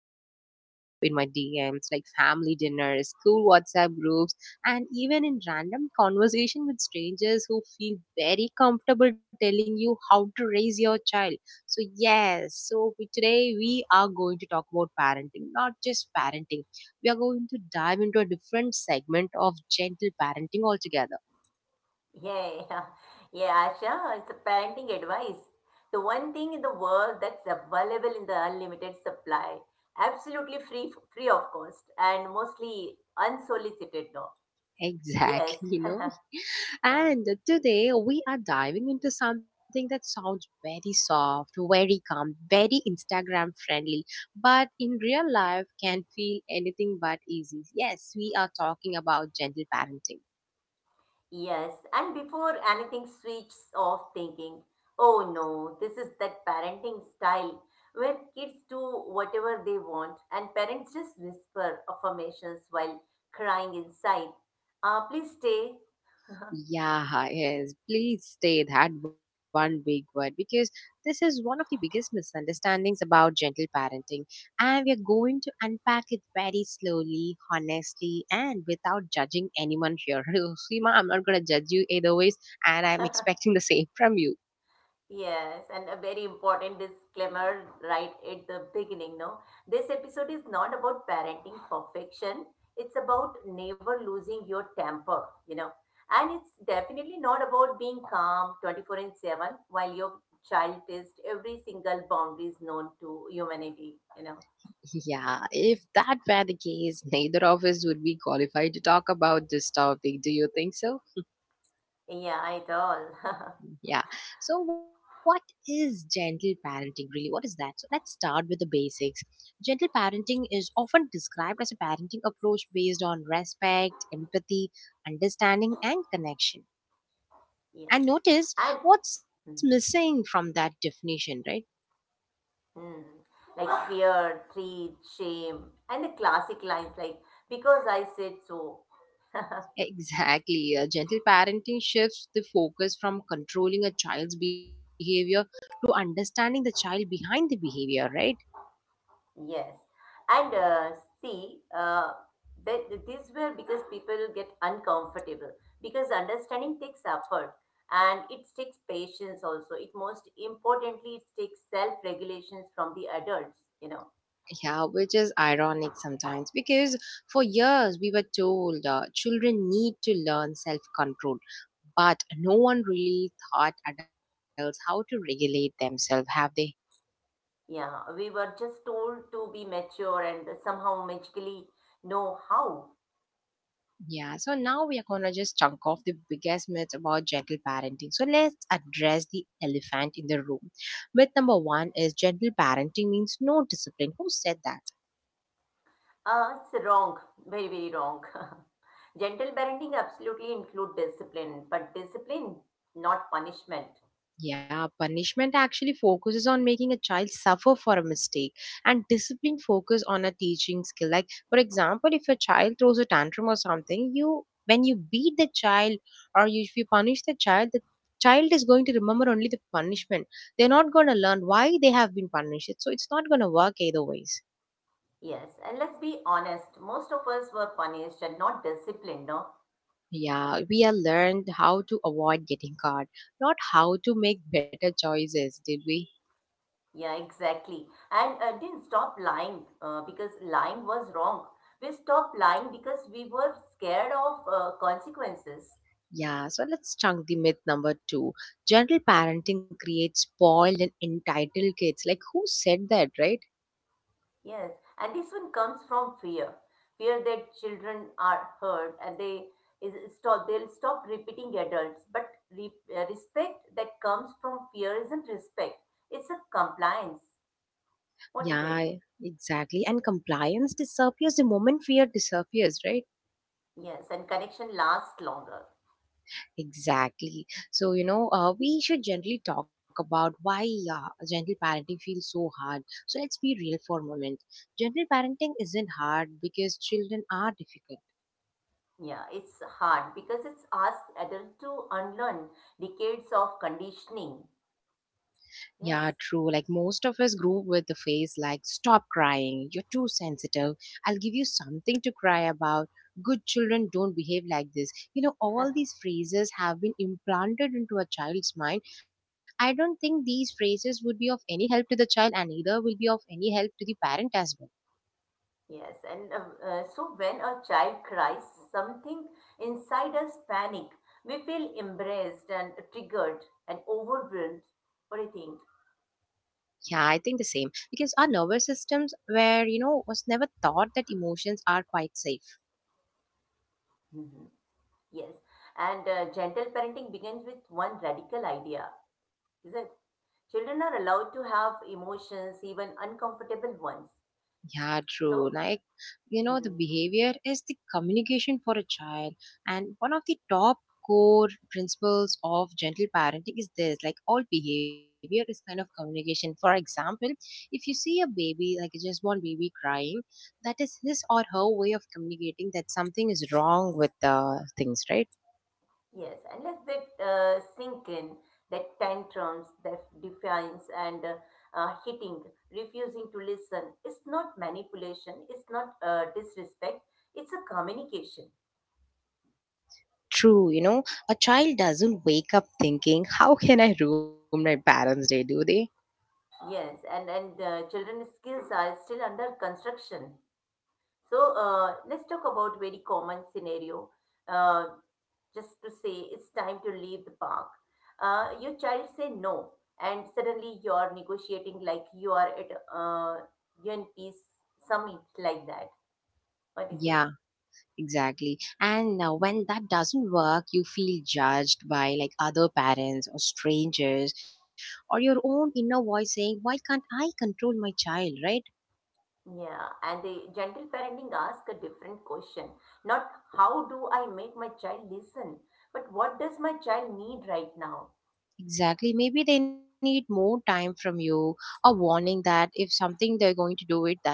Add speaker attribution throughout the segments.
Speaker 1: that comes up in my DMs like family dinners, school WhatsApp groups, and even in random conversation with strangers who feel very comfortable telling you how to raise your child. Today we are going to talk about parenting, not just parenting. We are going to dive into a different segment of gentle parenting altogether.
Speaker 2: Yeah, yeah, Asha. It's a parenting advice. The one thing in the world that's available in the unlimited supply, absolutely free, free of cost, and mostly unsolicited. No, yes,
Speaker 1: Exactly,
Speaker 2: huh,
Speaker 1: And today we are diving into something that sounds very soft, very calm, very Instagram friendly, but in real life can feel anything but easy. Yes, we are talking about gentle parenting.
Speaker 2: yes. And before anything switches off, thinking, oh no, this is that parenting style where kids do whatever they want, and parents just whisper affirmations while crying inside. Please stay.
Speaker 1: Yeah, yes. Please stay that one big word because this is one of the biggest misunderstandings about gentle parenting. And we are going to unpack it very slowly, honestly, and without judging anyone here. Seema, I'm not going to judge you either ways, and I'm expecting the same from you.
Speaker 2: Yes, and a very important disclaimer right at the beginning, no? This episode is not about parenting perfection. It's about never losing your temper. And it's definitely not about being calm 24/7 while your child tests every single boundary is known to humanity.
Speaker 1: Yeah, if that were the case, neither of us would be qualified to talk about this topic. Do you think so?
Speaker 2: Yeah, at all.
Speaker 1: Yeah. So, what is gentle parenting really? What is that? So, let's start with the basics. Gentle parenting is often described as a parenting approach based on respect, empathy, understanding, and connection.
Speaker 2: Yes.
Speaker 1: And notice
Speaker 2: And
Speaker 1: what's
Speaker 2: mm,
Speaker 1: missing from that definition, right?
Speaker 2: mm, like fear, greed, shame, and the classic lines like, because I said so.
Speaker 1: Exactly. Gentle parenting shifts the focus from controlling a child's behavior to understanding the child behind the behavior, right?
Speaker 2: Yes, and see, that this were because people get uncomfortable because understanding takes effort and it takes patience also. It most importantly, it takes self-regulations from the adults.
Speaker 1: Yeah, which is ironic sometimes because for years we were told children need to learn self control, but no one really taught adults how to regulate themselves, have they?
Speaker 2: Yeah, we were just told to be mature and somehow magically know how.
Speaker 1: Yeah, so now we are gonna just chunk off the biggest myths about gentle parenting. So let's address the elephant in the room. Myth number one is gentle parenting means no discipline. Who said that?
Speaker 2: It's wrong, very wrong. Gentle parenting absolutely include discipline, but discipline, not punishment.
Speaker 1: Yeah, punishment actually focuses on making a child suffer for a mistake, and discipline focus on a teaching skill. Like, for example, if a child throws a tantrum or something, you when you beat the child or you, if you punish the child is going to remember only the punishment. They're not going to learn why they have been punished. So it's not going to work either ways.
Speaker 2: Yes, and let's be honest, most of us were punished and not disciplined, no?
Speaker 1: Yeah, we have learned how to avoid getting caught, not how to make better choices, did we?
Speaker 2: Yeah, exactly. And didn't stop lying because lying was wrong. We stopped lying because we were scared of consequences.
Speaker 1: Yeah, so let's chunk the myth number two. General parenting creates spoiled and entitled kids. Like, who said that, right?
Speaker 2: Yes, and this one comes from fear. Fear that children are hurt and they'll stop repeating adults. But re respect that comes from fear isn't respect. It's a compliance. What do you
Speaker 1: Yeah,
Speaker 2: think?
Speaker 1: exactly. And compliance disappears the moment fear disappears, right?
Speaker 2: Yes, and connection lasts longer.
Speaker 1: Exactly. So, we should generally talk about why gentle parenting feels so hard. So, let's be real for a moment. Gentle parenting isn't hard because children are difficult.
Speaker 2: Yeah, it's hard because it's asked adults to unlearn decades of conditioning.
Speaker 1: Yeah,
Speaker 2: Yes,
Speaker 1: true. Like most of us grew up with the phase like stop crying, you're too sensitive. I'll give you something to cry about. Good children don't behave like this. You know, all these phrases have been implanted into a child's mind. I don't think these phrases would be of any help to the child and neither will be of any help to the parent as well.
Speaker 2: yes. And so when a child cries, something inside us panic. We feel embraced and triggered and overwhelmed. What do you think?
Speaker 1: Yeah, I think the same because our nervous systems were, was never thought that emotions are quite safe.
Speaker 2: Hmm. Yes. And gentle parenting begins with one radical idea, is it? Children are allowed to have emotions, even uncomfortable ones.
Speaker 1: Yeah,
Speaker 2: So,
Speaker 1: true. Like, the
Speaker 2: mhm.
Speaker 1: behavior is the communication for a child. And one of the top core principles of gentle parenting is this like, all behavior is kind of communication. For example, if you see a baby, like a just born baby crying, that is his or her way of communicating that something is wrong with the things, right?
Speaker 2: Yes, and let that sink in, that tantrums, that defiance and hitting, refusing to listen, it's not manipulation, it's not disrespect, it's a communication.
Speaker 1: True, a child doesn't wake up thinking, how can I ruin my parents' day, do they?
Speaker 2: Yes, and children's skills are still under construction. So let's talk about very common scenario. Uh, just to say it's time to leave the park. Your child say no, and suddenly you are negotiating like you are at UN Peace Summit like that. What do you say?
Speaker 1: Yeah, exactly. And when that doesn't work, you feel judged by like other parents or strangers or your own inner voice saying, why can't I control my child? Right.
Speaker 2: Yeah, and the gentle parenting ask a different question. Not how do I make my child listen, but what does my child need right now?
Speaker 1: Exactly. Maybe they need more time from you, a warning that if something they're going to do it, that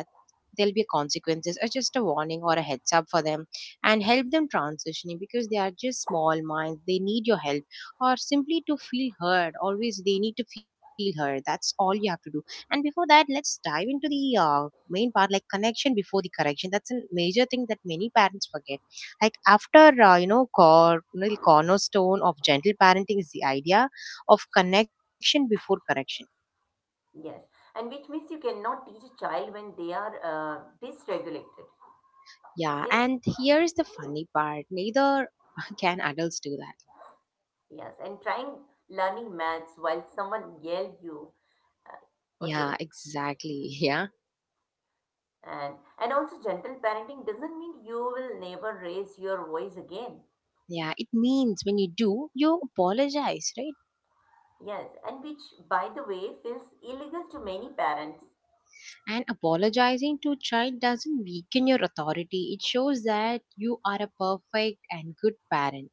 Speaker 1: there'll be consequences, or just a warning or a heads up for them, and help them transitioning because they are just small minds. They need your help, or simply to feel heard. Always, they need to feel heard. That's all you have to do. And before that, let's dive into the main part, like connection before the correction. That's a major thing that many parents forget. Like after cornerstone of gentle parenting is the idea of connection before correction.
Speaker 2: Yes, and which means you cannot teach a child when they are dysregulated.
Speaker 1: Yeah,
Speaker 2: Yes.
Speaker 1: and here's the funny part neither can adults do that.
Speaker 2: Yes, and trying learning maths while someone yell you. uh,
Speaker 1: Yeah,
Speaker 2: okay,
Speaker 1: exactly. Yeah.
Speaker 2: and also gentle parenting doesn't mean you will never raise your voice again.
Speaker 1: Yeah, it means when you do, you apologize, right?
Speaker 2: Yes, and which by the way feels illegal to many parents.
Speaker 1: And apologizing to a child doesn't weaken your authority. It shows that you are a perfect and good parent.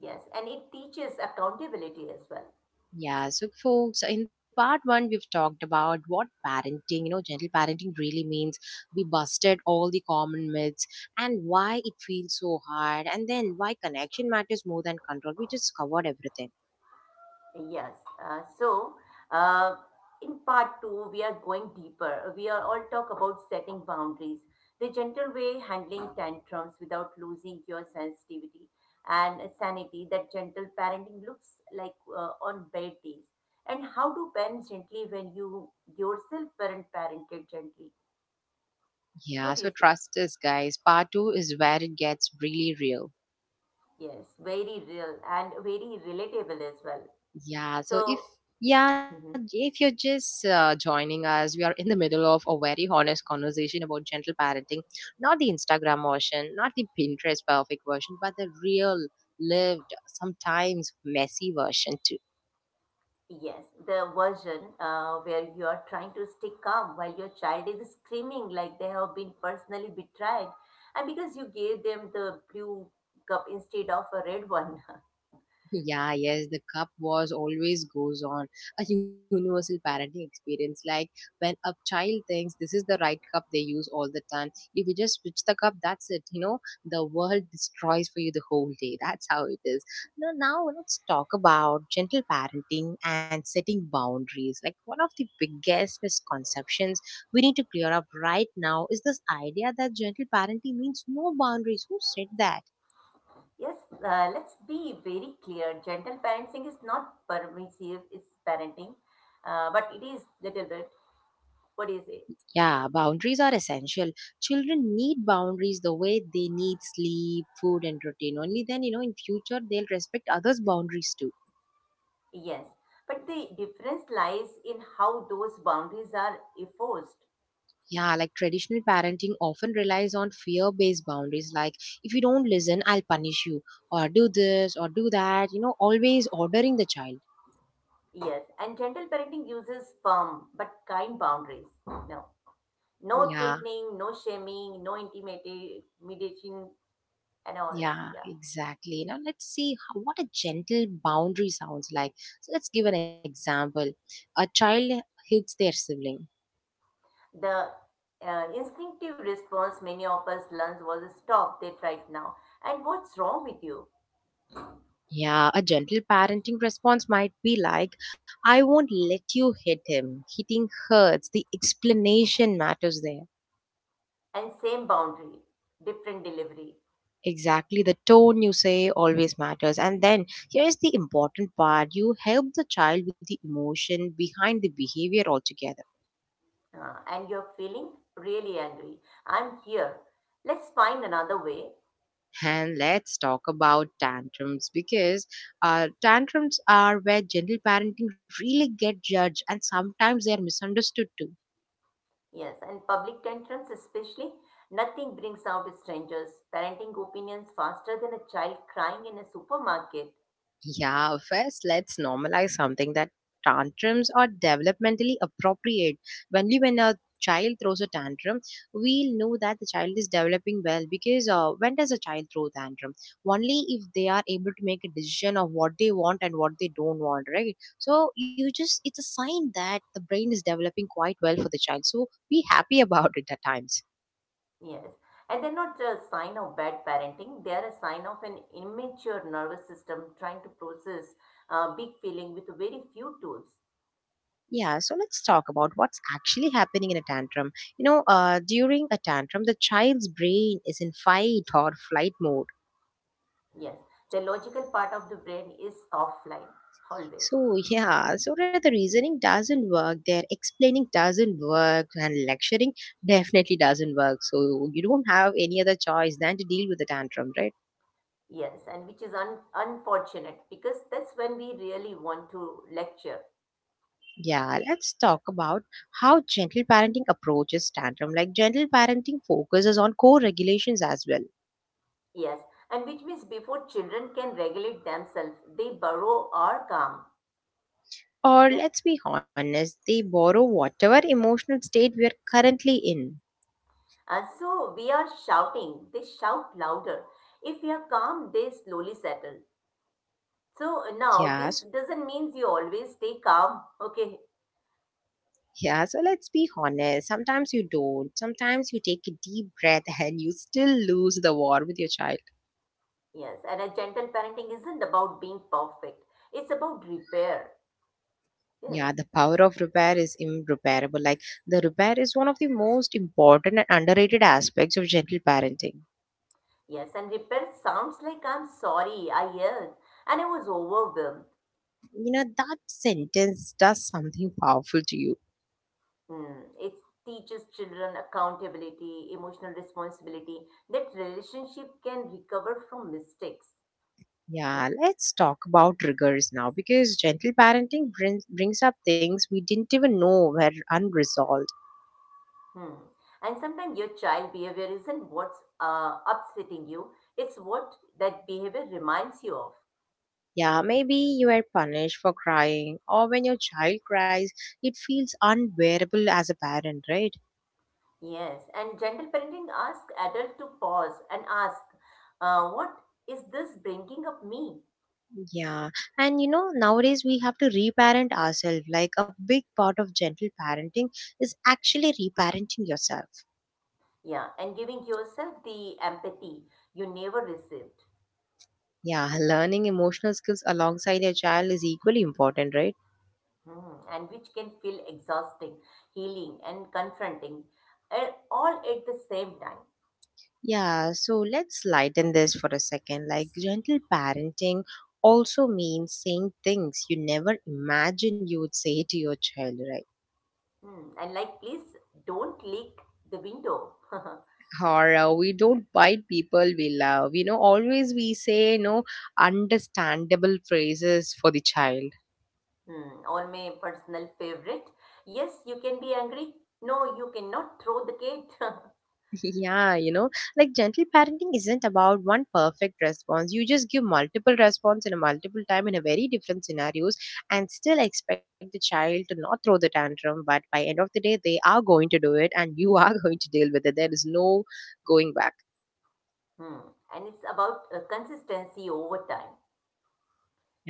Speaker 2: Yes, and it teaches accountability as well.
Speaker 1: Yeah, so folks, in part one, we've talked about what parenting, gentle parenting really means. We busted all the common myths and why it feels so hard, and then why connection matters more than control. We just covered everything.
Speaker 2: Yes. Uh, so, uh, in part two, we are going deeper. We are all talk about setting boundaries, the gentle way handling tantrums without losing your sensitivity and sanity. That gentle parenting looks like on bad days, and how to parent gently when you yourself parented gently.
Speaker 1: Yeah,
Speaker 2: What do
Speaker 1: so
Speaker 2: you say?
Speaker 1: trust us, guys. Part two is where it gets really real.
Speaker 2: Yes, very real and very relatable as well.
Speaker 1: Yeah, so if
Speaker 2: So.
Speaker 1: yeah, if you're just joining us, we are in the middle of a very honest conversation about gentle parenting, not the Instagram version, not the Pinterest perfect version, but the real lived, sometimes messy version too.
Speaker 2: Yes, the version where you are trying to stay calm while your child is screaming like they have been personally betrayed, and because you gave them the blue cup instead of a red one.
Speaker 1: Yeah, yes, the cup wars always goes on a universal parenting experience. Like when a child thinks this is the right cup they use all the time, if you just switch the cup, that's it. You know, the world destroys for you the whole day. That's how it is. Now let's talk about gentle parenting and setting boundaries. Like one of the biggest misconceptions we need to clear up right now is this idea that gentle parenting means no boundaries. Who said that?
Speaker 2: Yes, let's be very clear. Gentle parenting is not permissive, it's parenting, but it is little bit. What is it?
Speaker 1: Yeah, boundaries are essential. Children need boundaries the way they need sleep, food, and routine. Only then, you know, in future, they'll respect others' boundaries too.
Speaker 2: Yes, but the difference lies in how those boundaries are enforced.
Speaker 1: Yeah, like traditional parenting often relies on fear based boundaries, like if you don't listen, I'll punish you, or do this, or do that, you know, always ordering the child.
Speaker 2: Yes, and gentle parenting uses firm but kind boundaries. No. No
Speaker 1: Yeah,
Speaker 2: threatening, no shaming, no intimidation, and all.
Speaker 1: yeah,
Speaker 2: Yeah.
Speaker 1: exactly. Now, let's see how, what a gentle boundary sounds like. So, let's give an example. A child hits their sibling.
Speaker 2: The instinctive response many of us learns was stop that right now. And what's wrong with you?
Speaker 1: Yeah, a gentle parenting response might be like, I won't let you hit him. Hitting hurts. The explanation matters there.
Speaker 2: And same boundary, different delivery.
Speaker 1: Exactly. The tone you say always matters. And then here's the important part you help the child with the emotion behind the behavior altogether.
Speaker 2: And you're feeling really angry. I'm here. Let's find another way.
Speaker 1: And let's talk about tantrums because tantrums are where gentle parenting really get judged and sometimes they are misunderstood too.
Speaker 2: Yes, and public tantrums especially. Nothing brings out strangers. Parenting opinions faster than a child crying in a supermarket.
Speaker 1: Yeah, first let's normalize something that tantrums are developmentally appropriate. Only when a child throws a tantrum, we'll know that the child is developing well because when does a child throw tantrum? Only if they are able to make a decision of what they want and what they don't want, right? So you just it's a sign that the brain is developing quite well for the child. So be happy about it at times.
Speaker 2: Yes, and they're not a sign of bad parenting. They are a sign of an immature nervous system trying to process big feeling with very few tools.
Speaker 1: Yeah, so let's talk about what's actually happening in a tantrum. During a tantrum, the child's brain is in fight or flight mode.
Speaker 2: Yes, the logical part of the brain is offline always.
Speaker 1: So where the reasoning doesn't work, their explaining doesn't work, and lecturing definitely doesn't work. So, you don't have any other choice than to deal with the tantrum, right?
Speaker 2: Yes, and which is unfortunate because that's when we really want to lecture.
Speaker 1: Yeah, let's talk about how gentle parenting approaches tantrum. Like, gentle parenting focuses on core regulations as well.
Speaker 2: Yes, and which means before children can regulate themselves, they burrow or calm.
Speaker 1: Or
Speaker 2: Yeah,
Speaker 1: let's be honest, they borrow whatever emotional state we're currently in.
Speaker 2: and so we are shouting, they shout louder. If we are calm, they slowly settle. So now
Speaker 1: Yeah,
Speaker 2: this
Speaker 1: so,
Speaker 2: doesn't mean you always stay calm. Okay.
Speaker 1: yeah, so let's be honest. Sometimes you don't. Sometimes you take a deep breath and you still lose the war with your child.
Speaker 2: Yes. And a gentle parenting isn't about being perfect. It's about repair. Yes.
Speaker 1: Yeah, the power of repair is irreparable. Like, the repair is one of the most important and underrated aspects of gentle parenting.
Speaker 2: Yes. And repair sounds like I'm sorry, I yelled, and I was overwhelmed.
Speaker 1: You know, that sentence does something powerful to you.
Speaker 2: Hmm. It teaches children accountability, emotional responsibility, that relationship can recover from mistakes. You know?
Speaker 1: Yeah, let's talk about triggers now because gentle parenting brings up things we didn't even know were unresolved.
Speaker 2: Hmm. And sometimes your child behavior isn't what's upsetting you, it's what that behavior reminds you of.
Speaker 1: Yeah, maybe you were punished for crying, or when your child cries, it feels unbearable as a parent, right?
Speaker 2: Yes, and gentle parenting asks adult to pause and ask, what is this bringing up me?
Speaker 1: Yeah, and you know, nowadays we have to reparent ourselves. Like a big part of gentle parenting is actually reparenting yourself.
Speaker 2: Yeah, and giving yourself the empathy you never received,
Speaker 1: Yeah, learning emotional skills alongside your child is equally important, right?
Speaker 2: hmm. And which can feel exhausting, healing, and confronting, all at the same time.
Speaker 1: Yeah, so let's lighten this for a second. Like, gentle parenting also means saying things you never imagined you would say to your child, right?
Speaker 2: Hmm. And like, please don't leak the window.
Speaker 1: Or we don't bite people we love. You know, always we say, understandable phrases for the child.
Speaker 2: Hmm. Or my personal favorite. Yes, you can be angry. No, you cannot throw the gate.
Speaker 1: Yeah, you know, like gentle parenting isn't about one perfect response. You just give multiple response in a multiple time in a very different scenarios and still expect the child to not throw the tantrum, but by end of the day they are going to do it and you are going to deal with it. There is no going back.
Speaker 2: Hmm. And it's about consistency over time.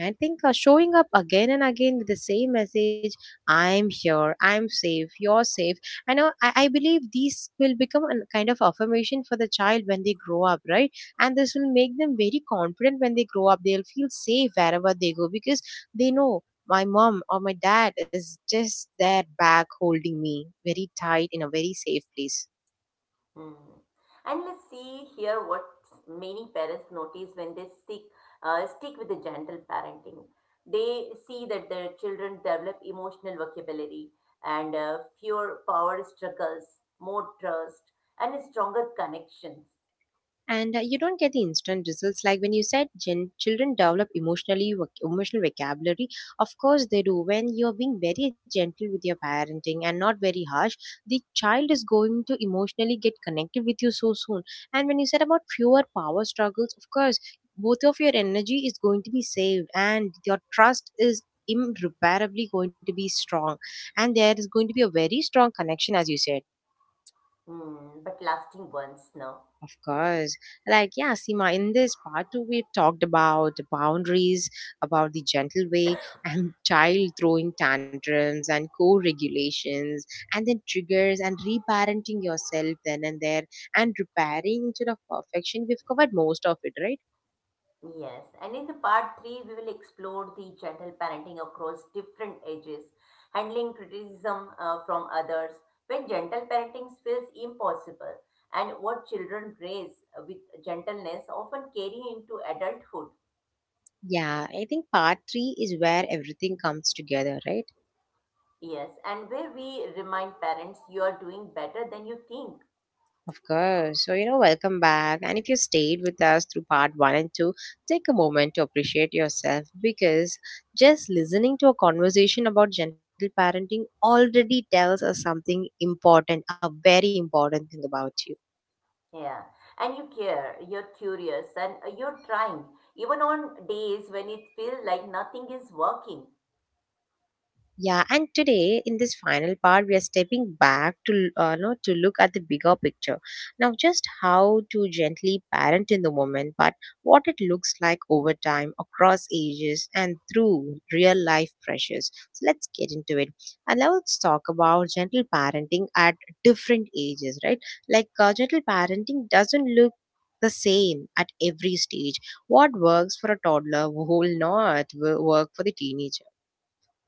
Speaker 1: I think showing up again and again with the same message, I'm here, I'm safe, you're safe. I know, I believe these will become a kind of affirmation for the child when they grow up, right? And this will make them very confident when they grow up. They'll feel safe wherever they go because they know my mom or my dad is just there back holding me very tight in a very safe place.
Speaker 2: Hmm. And let's see here what many parents notice when they stick with the gentle parenting. They see that their children develop emotional vocabulary and fewer power struggles, more trust, and stronger connections.
Speaker 1: And you don't get the instant results like when you said children develop emotionally emotional vocabulary. Of course they do. When you're being very gentle with your parenting and not very harsh, the child is going to emotionally get connected with you so soon. And when you said about fewer power struggles, of course both of your energy is going to be saved and your trust is irreparably going to be strong, and there is going to be a very strong connection as you said.
Speaker 2: Hmm. But lasting ones, no?
Speaker 1: Of course. Like, yeah, Seema, in this part two, we've talked about the boundaries, about the gentle way, and child throwing tantrums, and co regulations, and then triggers, and reparenting yourself then and there, and repairing instead of perfection. We've covered most of it, right?
Speaker 2: Yes, and in the part 3, we will explore the gentle parenting across different ages, handling criticism from others, when gentle parenting feels impossible, and what children raise with gentleness often carry into adulthood.
Speaker 1: Yeah, I think part three is where everything comes together, right?
Speaker 2: Yes, and where we remind parents you are doing better than you think.
Speaker 1: Of course. So, you know, welcome back. And if you stayed with us through part one and two, take a moment to appreciate yourself because just listening to a conversation about gentle parenting already tells us something important, a very important thing about you.
Speaker 2: Yeah, and you care, you're curious, and you're trying, even on days when it feels like nothing is working.
Speaker 1: Yeah, and today in this final part, we are stepping back to no, to look at the bigger picture. Now, just how to gently parent in the moment, but what it looks like over time, across ages, and through real life pressures. So let's get into it, and now let's talk about gentle parenting at different ages, right? Like gentle parenting doesn't look the same at every stage. What works for a toddler will not work for the teenager.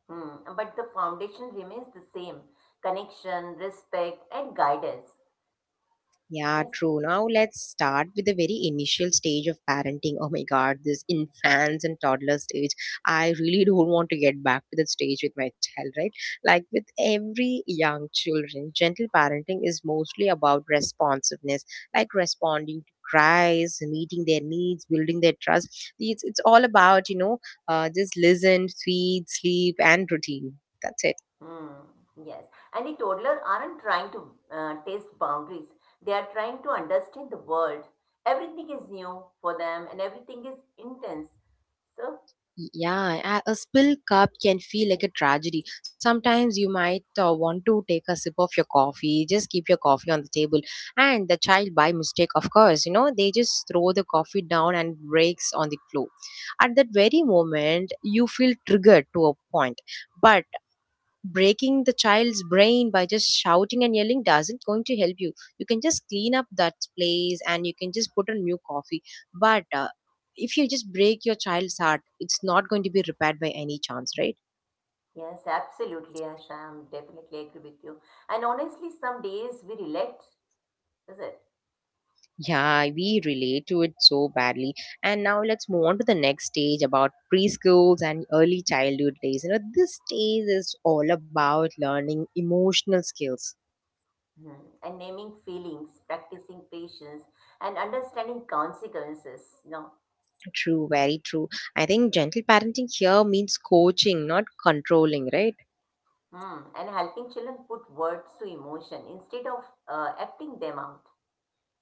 Speaker 2: Hmm, but the foundation remains the same connection, respect, and guidance.
Speaker 1: Yeah,
Speaker 2: Yes.
Speaker 1: true. Now let's start with the very initial stage of parenting. Oh my God, this infants and toddler stage. I really don't want to get back to that stage with my child, right? Like with every young children, gentle parenting is mostly about responsiveness, like responding to cries, meeting their needs, building their trust. It's all about, you know, just listen, feed, sleep, and routine. That's it.
Speaker 2: Hmm, yes. And the toddler aren't trying to test boundaries, they are trying to understand the world. Everything is new for them and everything is intense. So,
Speaker 1: Yeah, a spilled cup can feel like a tragedy. Sometimes you might want to take a sip of your coffee, just keep your coffee on the table. And the child, by mistake, of course, you know, they just throw the coffee down and breaks on the floor. At that very moment, you feel triggered to a point. But breaking the child's brain by just shouting and yelling doesn't going to help you. You can just clean up that place and you can just put a new coffee. But if you just break your child's heart, it's not going to be repaired by any chance, right?
Speaker 2: yes, absolutely, Asha. I'm definitely agree with you. And honestly, some days we relate, is it?
Speaker 1: Yeah, we relate to it so badly. And now let's move on to the next stage about preschools and early childhood days. You know, this stage is all about learning emotional skills.
Speaker 2: Hmm. And naming feelings, practicing patience, and understanding consequences. No,
Speaker 1: True, very true. I think gentle parenting here means coaching, not controlling, right?
Speaker 2: hmm. And helping children put words to emotion instead of acting them out.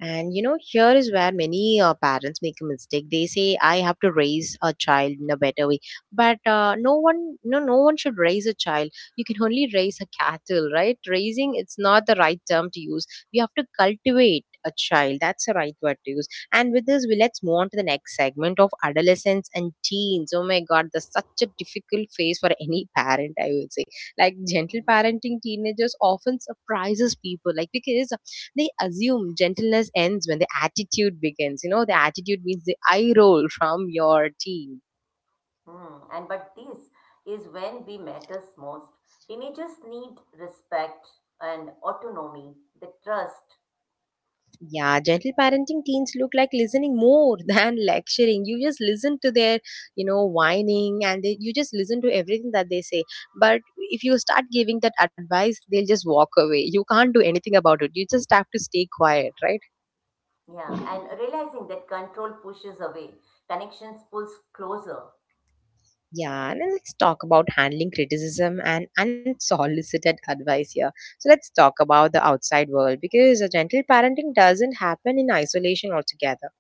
Speaker 1: And you know, here is where many parents make a mistake. They say, "I have to raise a child in a better way," but no one, no one should raise a child. You can only raise a cattle, right? Raising, it's not the right term to use. We have to cultivate a child. That's the right word to use. And with this, we let's move on to the next segment of adolescence and teens. Oh my God, that's such a difficult phase for any parent. I would say, like gentle
Speaker 2: Mhm.
Speaker 1: parenting teenagers often surprises people, like because they assume gentleness ends when the attitude begins. You know, the attitude means the eye roll from your team.
Speaker 2: Hmm. And but this is when we matters most. Teenagers need respect and autonomy, the trust,
Speaker 1: Yeah, gentle parenting teens look like listening more than lecturing. You just listen to their, you know, whining and they, you just listen to everything that they say. But if you start giving that advice, they'll just walk away. You can't do anything about it. You just have to stay quiet, right?
Speaker 2: yeah, and realizing that control pushes away, connections pulls closer.
Speaker 1: Yeah, and then let's talk about handling criticism and unsolicited advice here. So let's talk about the outside world because a gentle parenting doesn't happen in isolation altogether.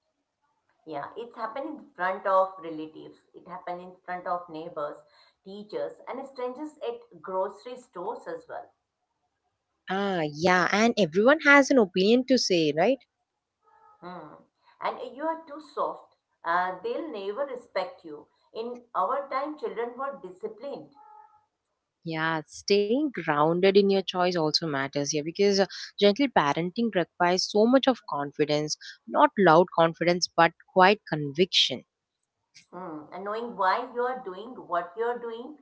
Speaker 2: Yeah, it's happened in front of relatives, it happened in front of neighbors, teachers, and strangers at grocery stores as well.
Speaker 1: Ah, yeah, and everyone has an opinion to say, right?
Speaker 2: Hmm. And you are too soft. They'll never respect you. In our time, children were disciplined.
Speaker 1: Yeah, staying grounded in your choice also matters here because gentle parenting requires so much of confidence, not loud confidence, but quite conviction.
Speaker 2: Hmm. And knowing why you are doing what you are doing.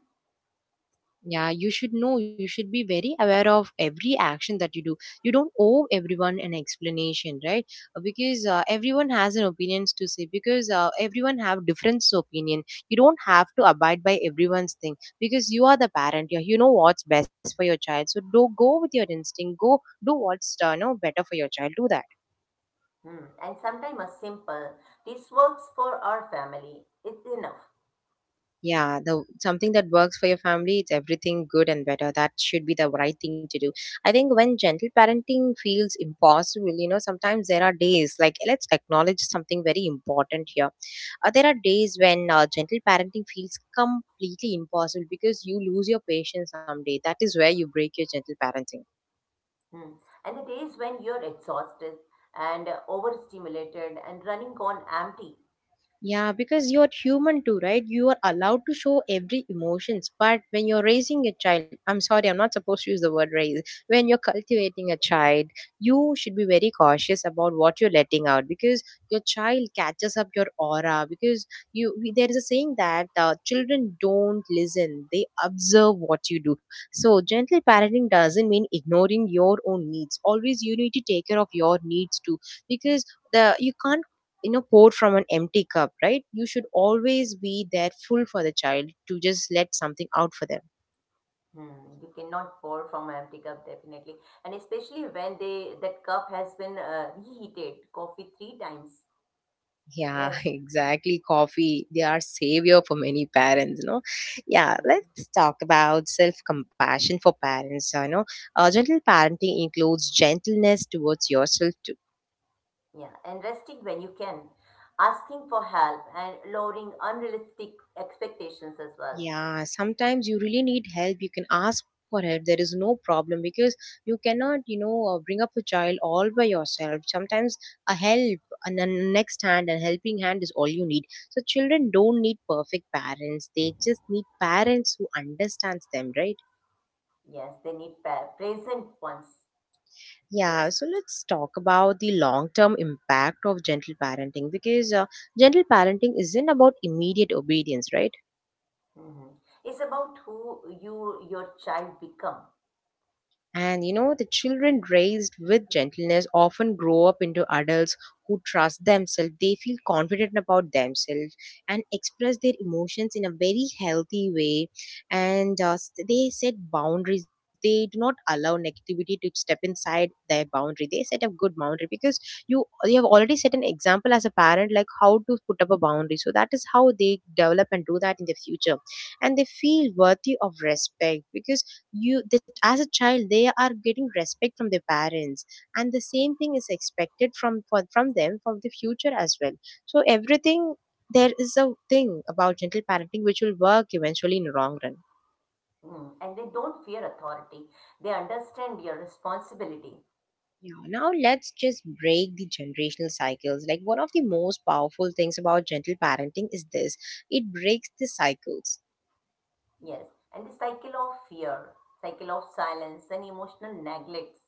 Speaker 1: Yeah, you should know, you should be very aware of every action that you do. You don't owe everyone an explanation, right? Because everyone has an opinions to say because everyone have different opinion. You don't have to abide by everyone's thing because you are the parent. You know what's best for your child. So do go with your instinct. Go do what's you know better for your child. Do that.
Speaker 2: Hmm. And sometimes a simple, this works for our family. It's enough.
Speaker 1: Yeah, the something that works for your family, it's everything good and better. That should be the right thing to do. I think when gentle parenting feels impossible, you know, sometimes there are days like let's acknowledge something very important here. There are days when gentle parenting feels completely impossible because you lose your patience someday. That is where you break your gentle parenting.
Speaker 2: Hmm. And the days when you're exhausted and overstimulated and running on empty.
Speaker 1: Yeah, because you're human too, right? You are allowed to show every emotions. But when you're raising a child, I'm sorry, I'm not supposed to use the word raise. When you're cultivating a child, you should be very cautious about what you're letting out because your child catches up your aura. Because there is a saying that children don't listen; they observe what you do. So gentle parenting doesn't mean ignoring your own needs. Always, you need to take care of your needs too, because the you can't, you know, poured from an empty cup, right? You should always be there full for the child to just let something out for them.
Speaker 2: Hmm. You cannot pour from an empty cup definitely. And especially when they that cup has been reheated coffee 3 times.
Speaker 1: Yeah,
Speaker 2: Yes,
Speaker 1: exactly. Coffee, they are savior for many parents, you know. Yeah,
Speaker 2: yeah,
Speaker 1: let's talk about self-compassion for parents, you know. Gentle parenting includes gentleness towards yourself.
Speaker 2: yeah, and resting when you can, asking for help, and lowering unrealistic expectations as well.
Speaker 1: Yeah, sometimes you really need help. You can ask for help. There is no problem because you cannot, you know, bring up a child all by yourself. Sometimes a help, a next hand, a helping hand is all you need. So children don't need perfect parents. They just need parents who understands them, right?
Speaker 2: Yes, they need present ones.
Speaker 1: Yeah,
Speaker 2: Yes,
Speaker 1: so let's talk about the long-term impact of gentle parenting because gentle parenting isn't about immediate obedience, right?
Speaker 2: hmm it's about who you your child become,
Speaker 1: And you know, the children raised with gentleness often grow up into adults who trust themselves. They feel confident about themselves and express their emotions in a very healthy way. And they set boundaries. They do not allow negativity to step inside their boundary. They set a good boundary because you have already set an example as a parent, like how to put up a boundary. So that is how they develop and do that in the future. And they feel worthy of respect because you that as a child they are getting respect from their parents, and the same thing is expected from them for the future as well. So everything, there is a thing about gentle parenting which will work eventually in long run.
Speaker 2: mm. And they don't fear authority. They understand your responsibility.
Speaker 1: Yeah, now let's just break the generational cycles. Like, one of the most powerful things about gentle parenting is this, it breaks the cycles.
Speaker 2: Yes, and the cycle of fear, cycle of silence, and emotional neglects,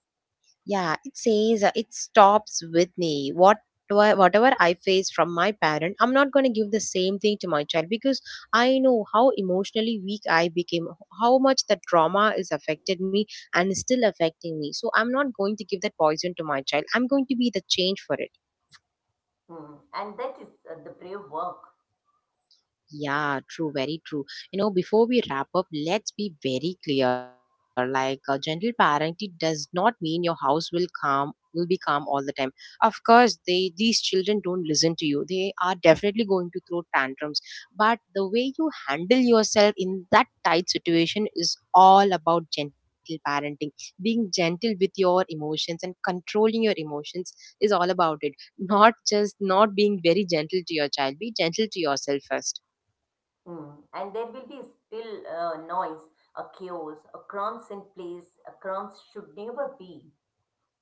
Speaker 1: Yeah, it says it stops with me. Whatever I face from my parent, I'm not going to give the same thing to my child because I know how emotionally weak I became, how much that trauma is affected me and is still affecting me. So I'm not going to give that poison to my child. I'm going to be the change for it.
Speaker 2: mm. And that is the brave work.
Speaker 1: Yeah, true, very true. You know, before we wrap up, let's be very clear. Like gentle parenting does not mean your house will calm will be calm all the time. Of course, they these children don't listen to you. They are definitely going to throw tantrums. But the way you handle yourself in that tight situation is all about gentle parenting. Being gentle with your emotions and controlling your emotions is all about it. Not just not being very gentle to your child. Be gentle to yourself first.
Speaker 2: Hmm. And there will be still noise, a chaos, a crumbs in place, a crumbs should never be.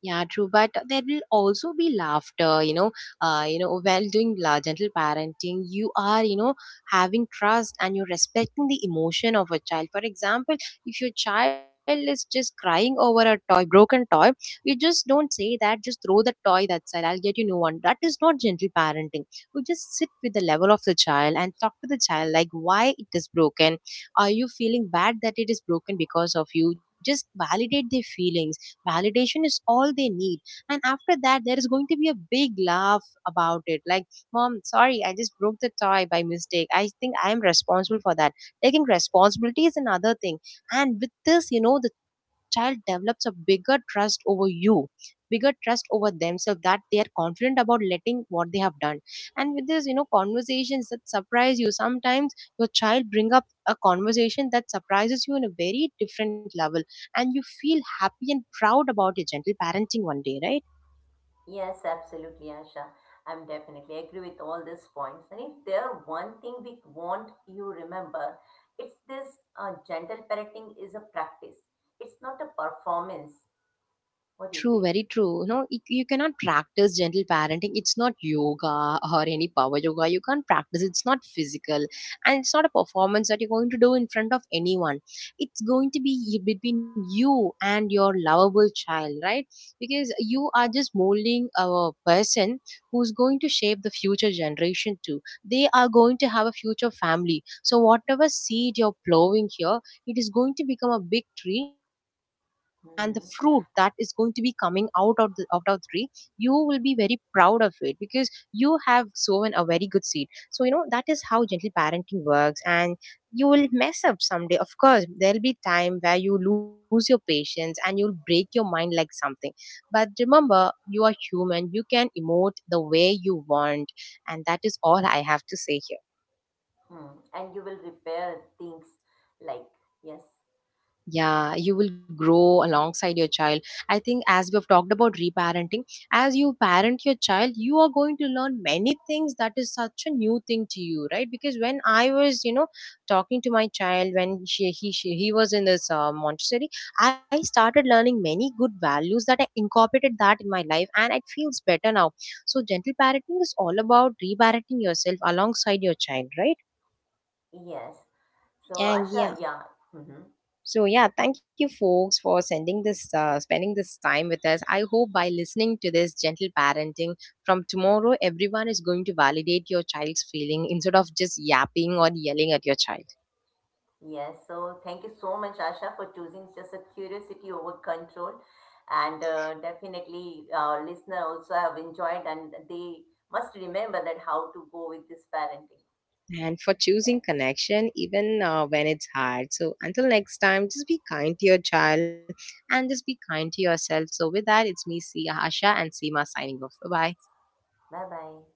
Speaker 1: Yeah, true. But there will also be laughter. While doing gentle parenting, you are, having trust and you're respecting the emotion of a child. For example, if your child is just crying over a toy, broken toy, you just don't say that, just throw the toy that side, I'll get you new one. That is not gentle parenting. You just sit with the level of the child and talk to the child like why it is broken. Are you feeling bad that it is broken because of you? Just validate their feelings. Validation is all they need, and after that there is going to be a big laugh about it, like, mom, sorry, I just broke the toy by mistake, I think I am responsible for that. Taking responsibility is another thing. And with this, the child develops a bigger trust over you, bigger trust over themselves, that they are confident about letting what they have done. And with this, conversations that surprise you sometimes, your child bring up a conversation that surprises you in a very different level, and you feel happy and proud about your gentle parenting one day, right?
Speaker 2: Yes, absolutely, Asha. I'm definitely agree with all these points. And if there one thing we want you remember, it's this gentle parenting is a practice. It's not a performance. What
Speaker 1: True,
Speaker 2: do you
Speaker 1: very
Speaker 2: say?
Speaker 1: true. You cannot practice gentle parenting. It's not yoga or any power yoga. You can't practice. It's not physical. And it's not a performance that you're going to do in front of anyone. It's going to be between you and your lovable child, right? Because you are just molding a person who's going to shape the future generation too. They are going to have a future family. So, whatever seed you're plowing here, it is going to become a big tree, and the fruit that is going
Speaker 2: Mm-hmm.
Speaker 1: to be coming out of the tree, you will be very proud of it, because you have sown a very good seed. So that is how gentle parenting works. And you will mess up someday. Of course, there'll be time where you lose your patience, and you'll break your mind like something. But remember, you are human, you can emote the way you want, and that is all I have to say here.
Speaker 2: Hmm. And you will repair things like yes,
Speaker 1: Yeah, you will grow alongside your child. I think, as we have talked about reparenting, as you parent your child, you are going to learn many things that is such a new thing to you, right? Because when I was, talking to my child when he was in this Montessori, I started learning many good values that I incorporated that in my life, and it feels better now. So, gentle parenting is all about reparenting yourself alongside your child, right?
Speaker 2: yes. So
Speaker 1: And yeah.
Speaker 2: Asha, yeah. Hmm.
Speaker 1: So yeah, thank you folks for sending this spending this time with us. I hope by listening to this gentle parenting, from tomorrow everyone is going to validate your child's feeling instead of just yapping or yelling at your child.
Speaker 2: Yes, so thank you so much, Asha, for choosing just a curiosity over control. And definitely, our listener also have enjoyed, and they must remember that how to go with this parenting.
Speaker 1: And for
Speaker 2: Yeah,
Speaker 1: choosing connection even when it's hard. So until next time, just be kind to your child and just be kind to yourself. So with that, it's me, Sia Asha and Seema, signing off. Bye bye.
Speaker 2: bye bye.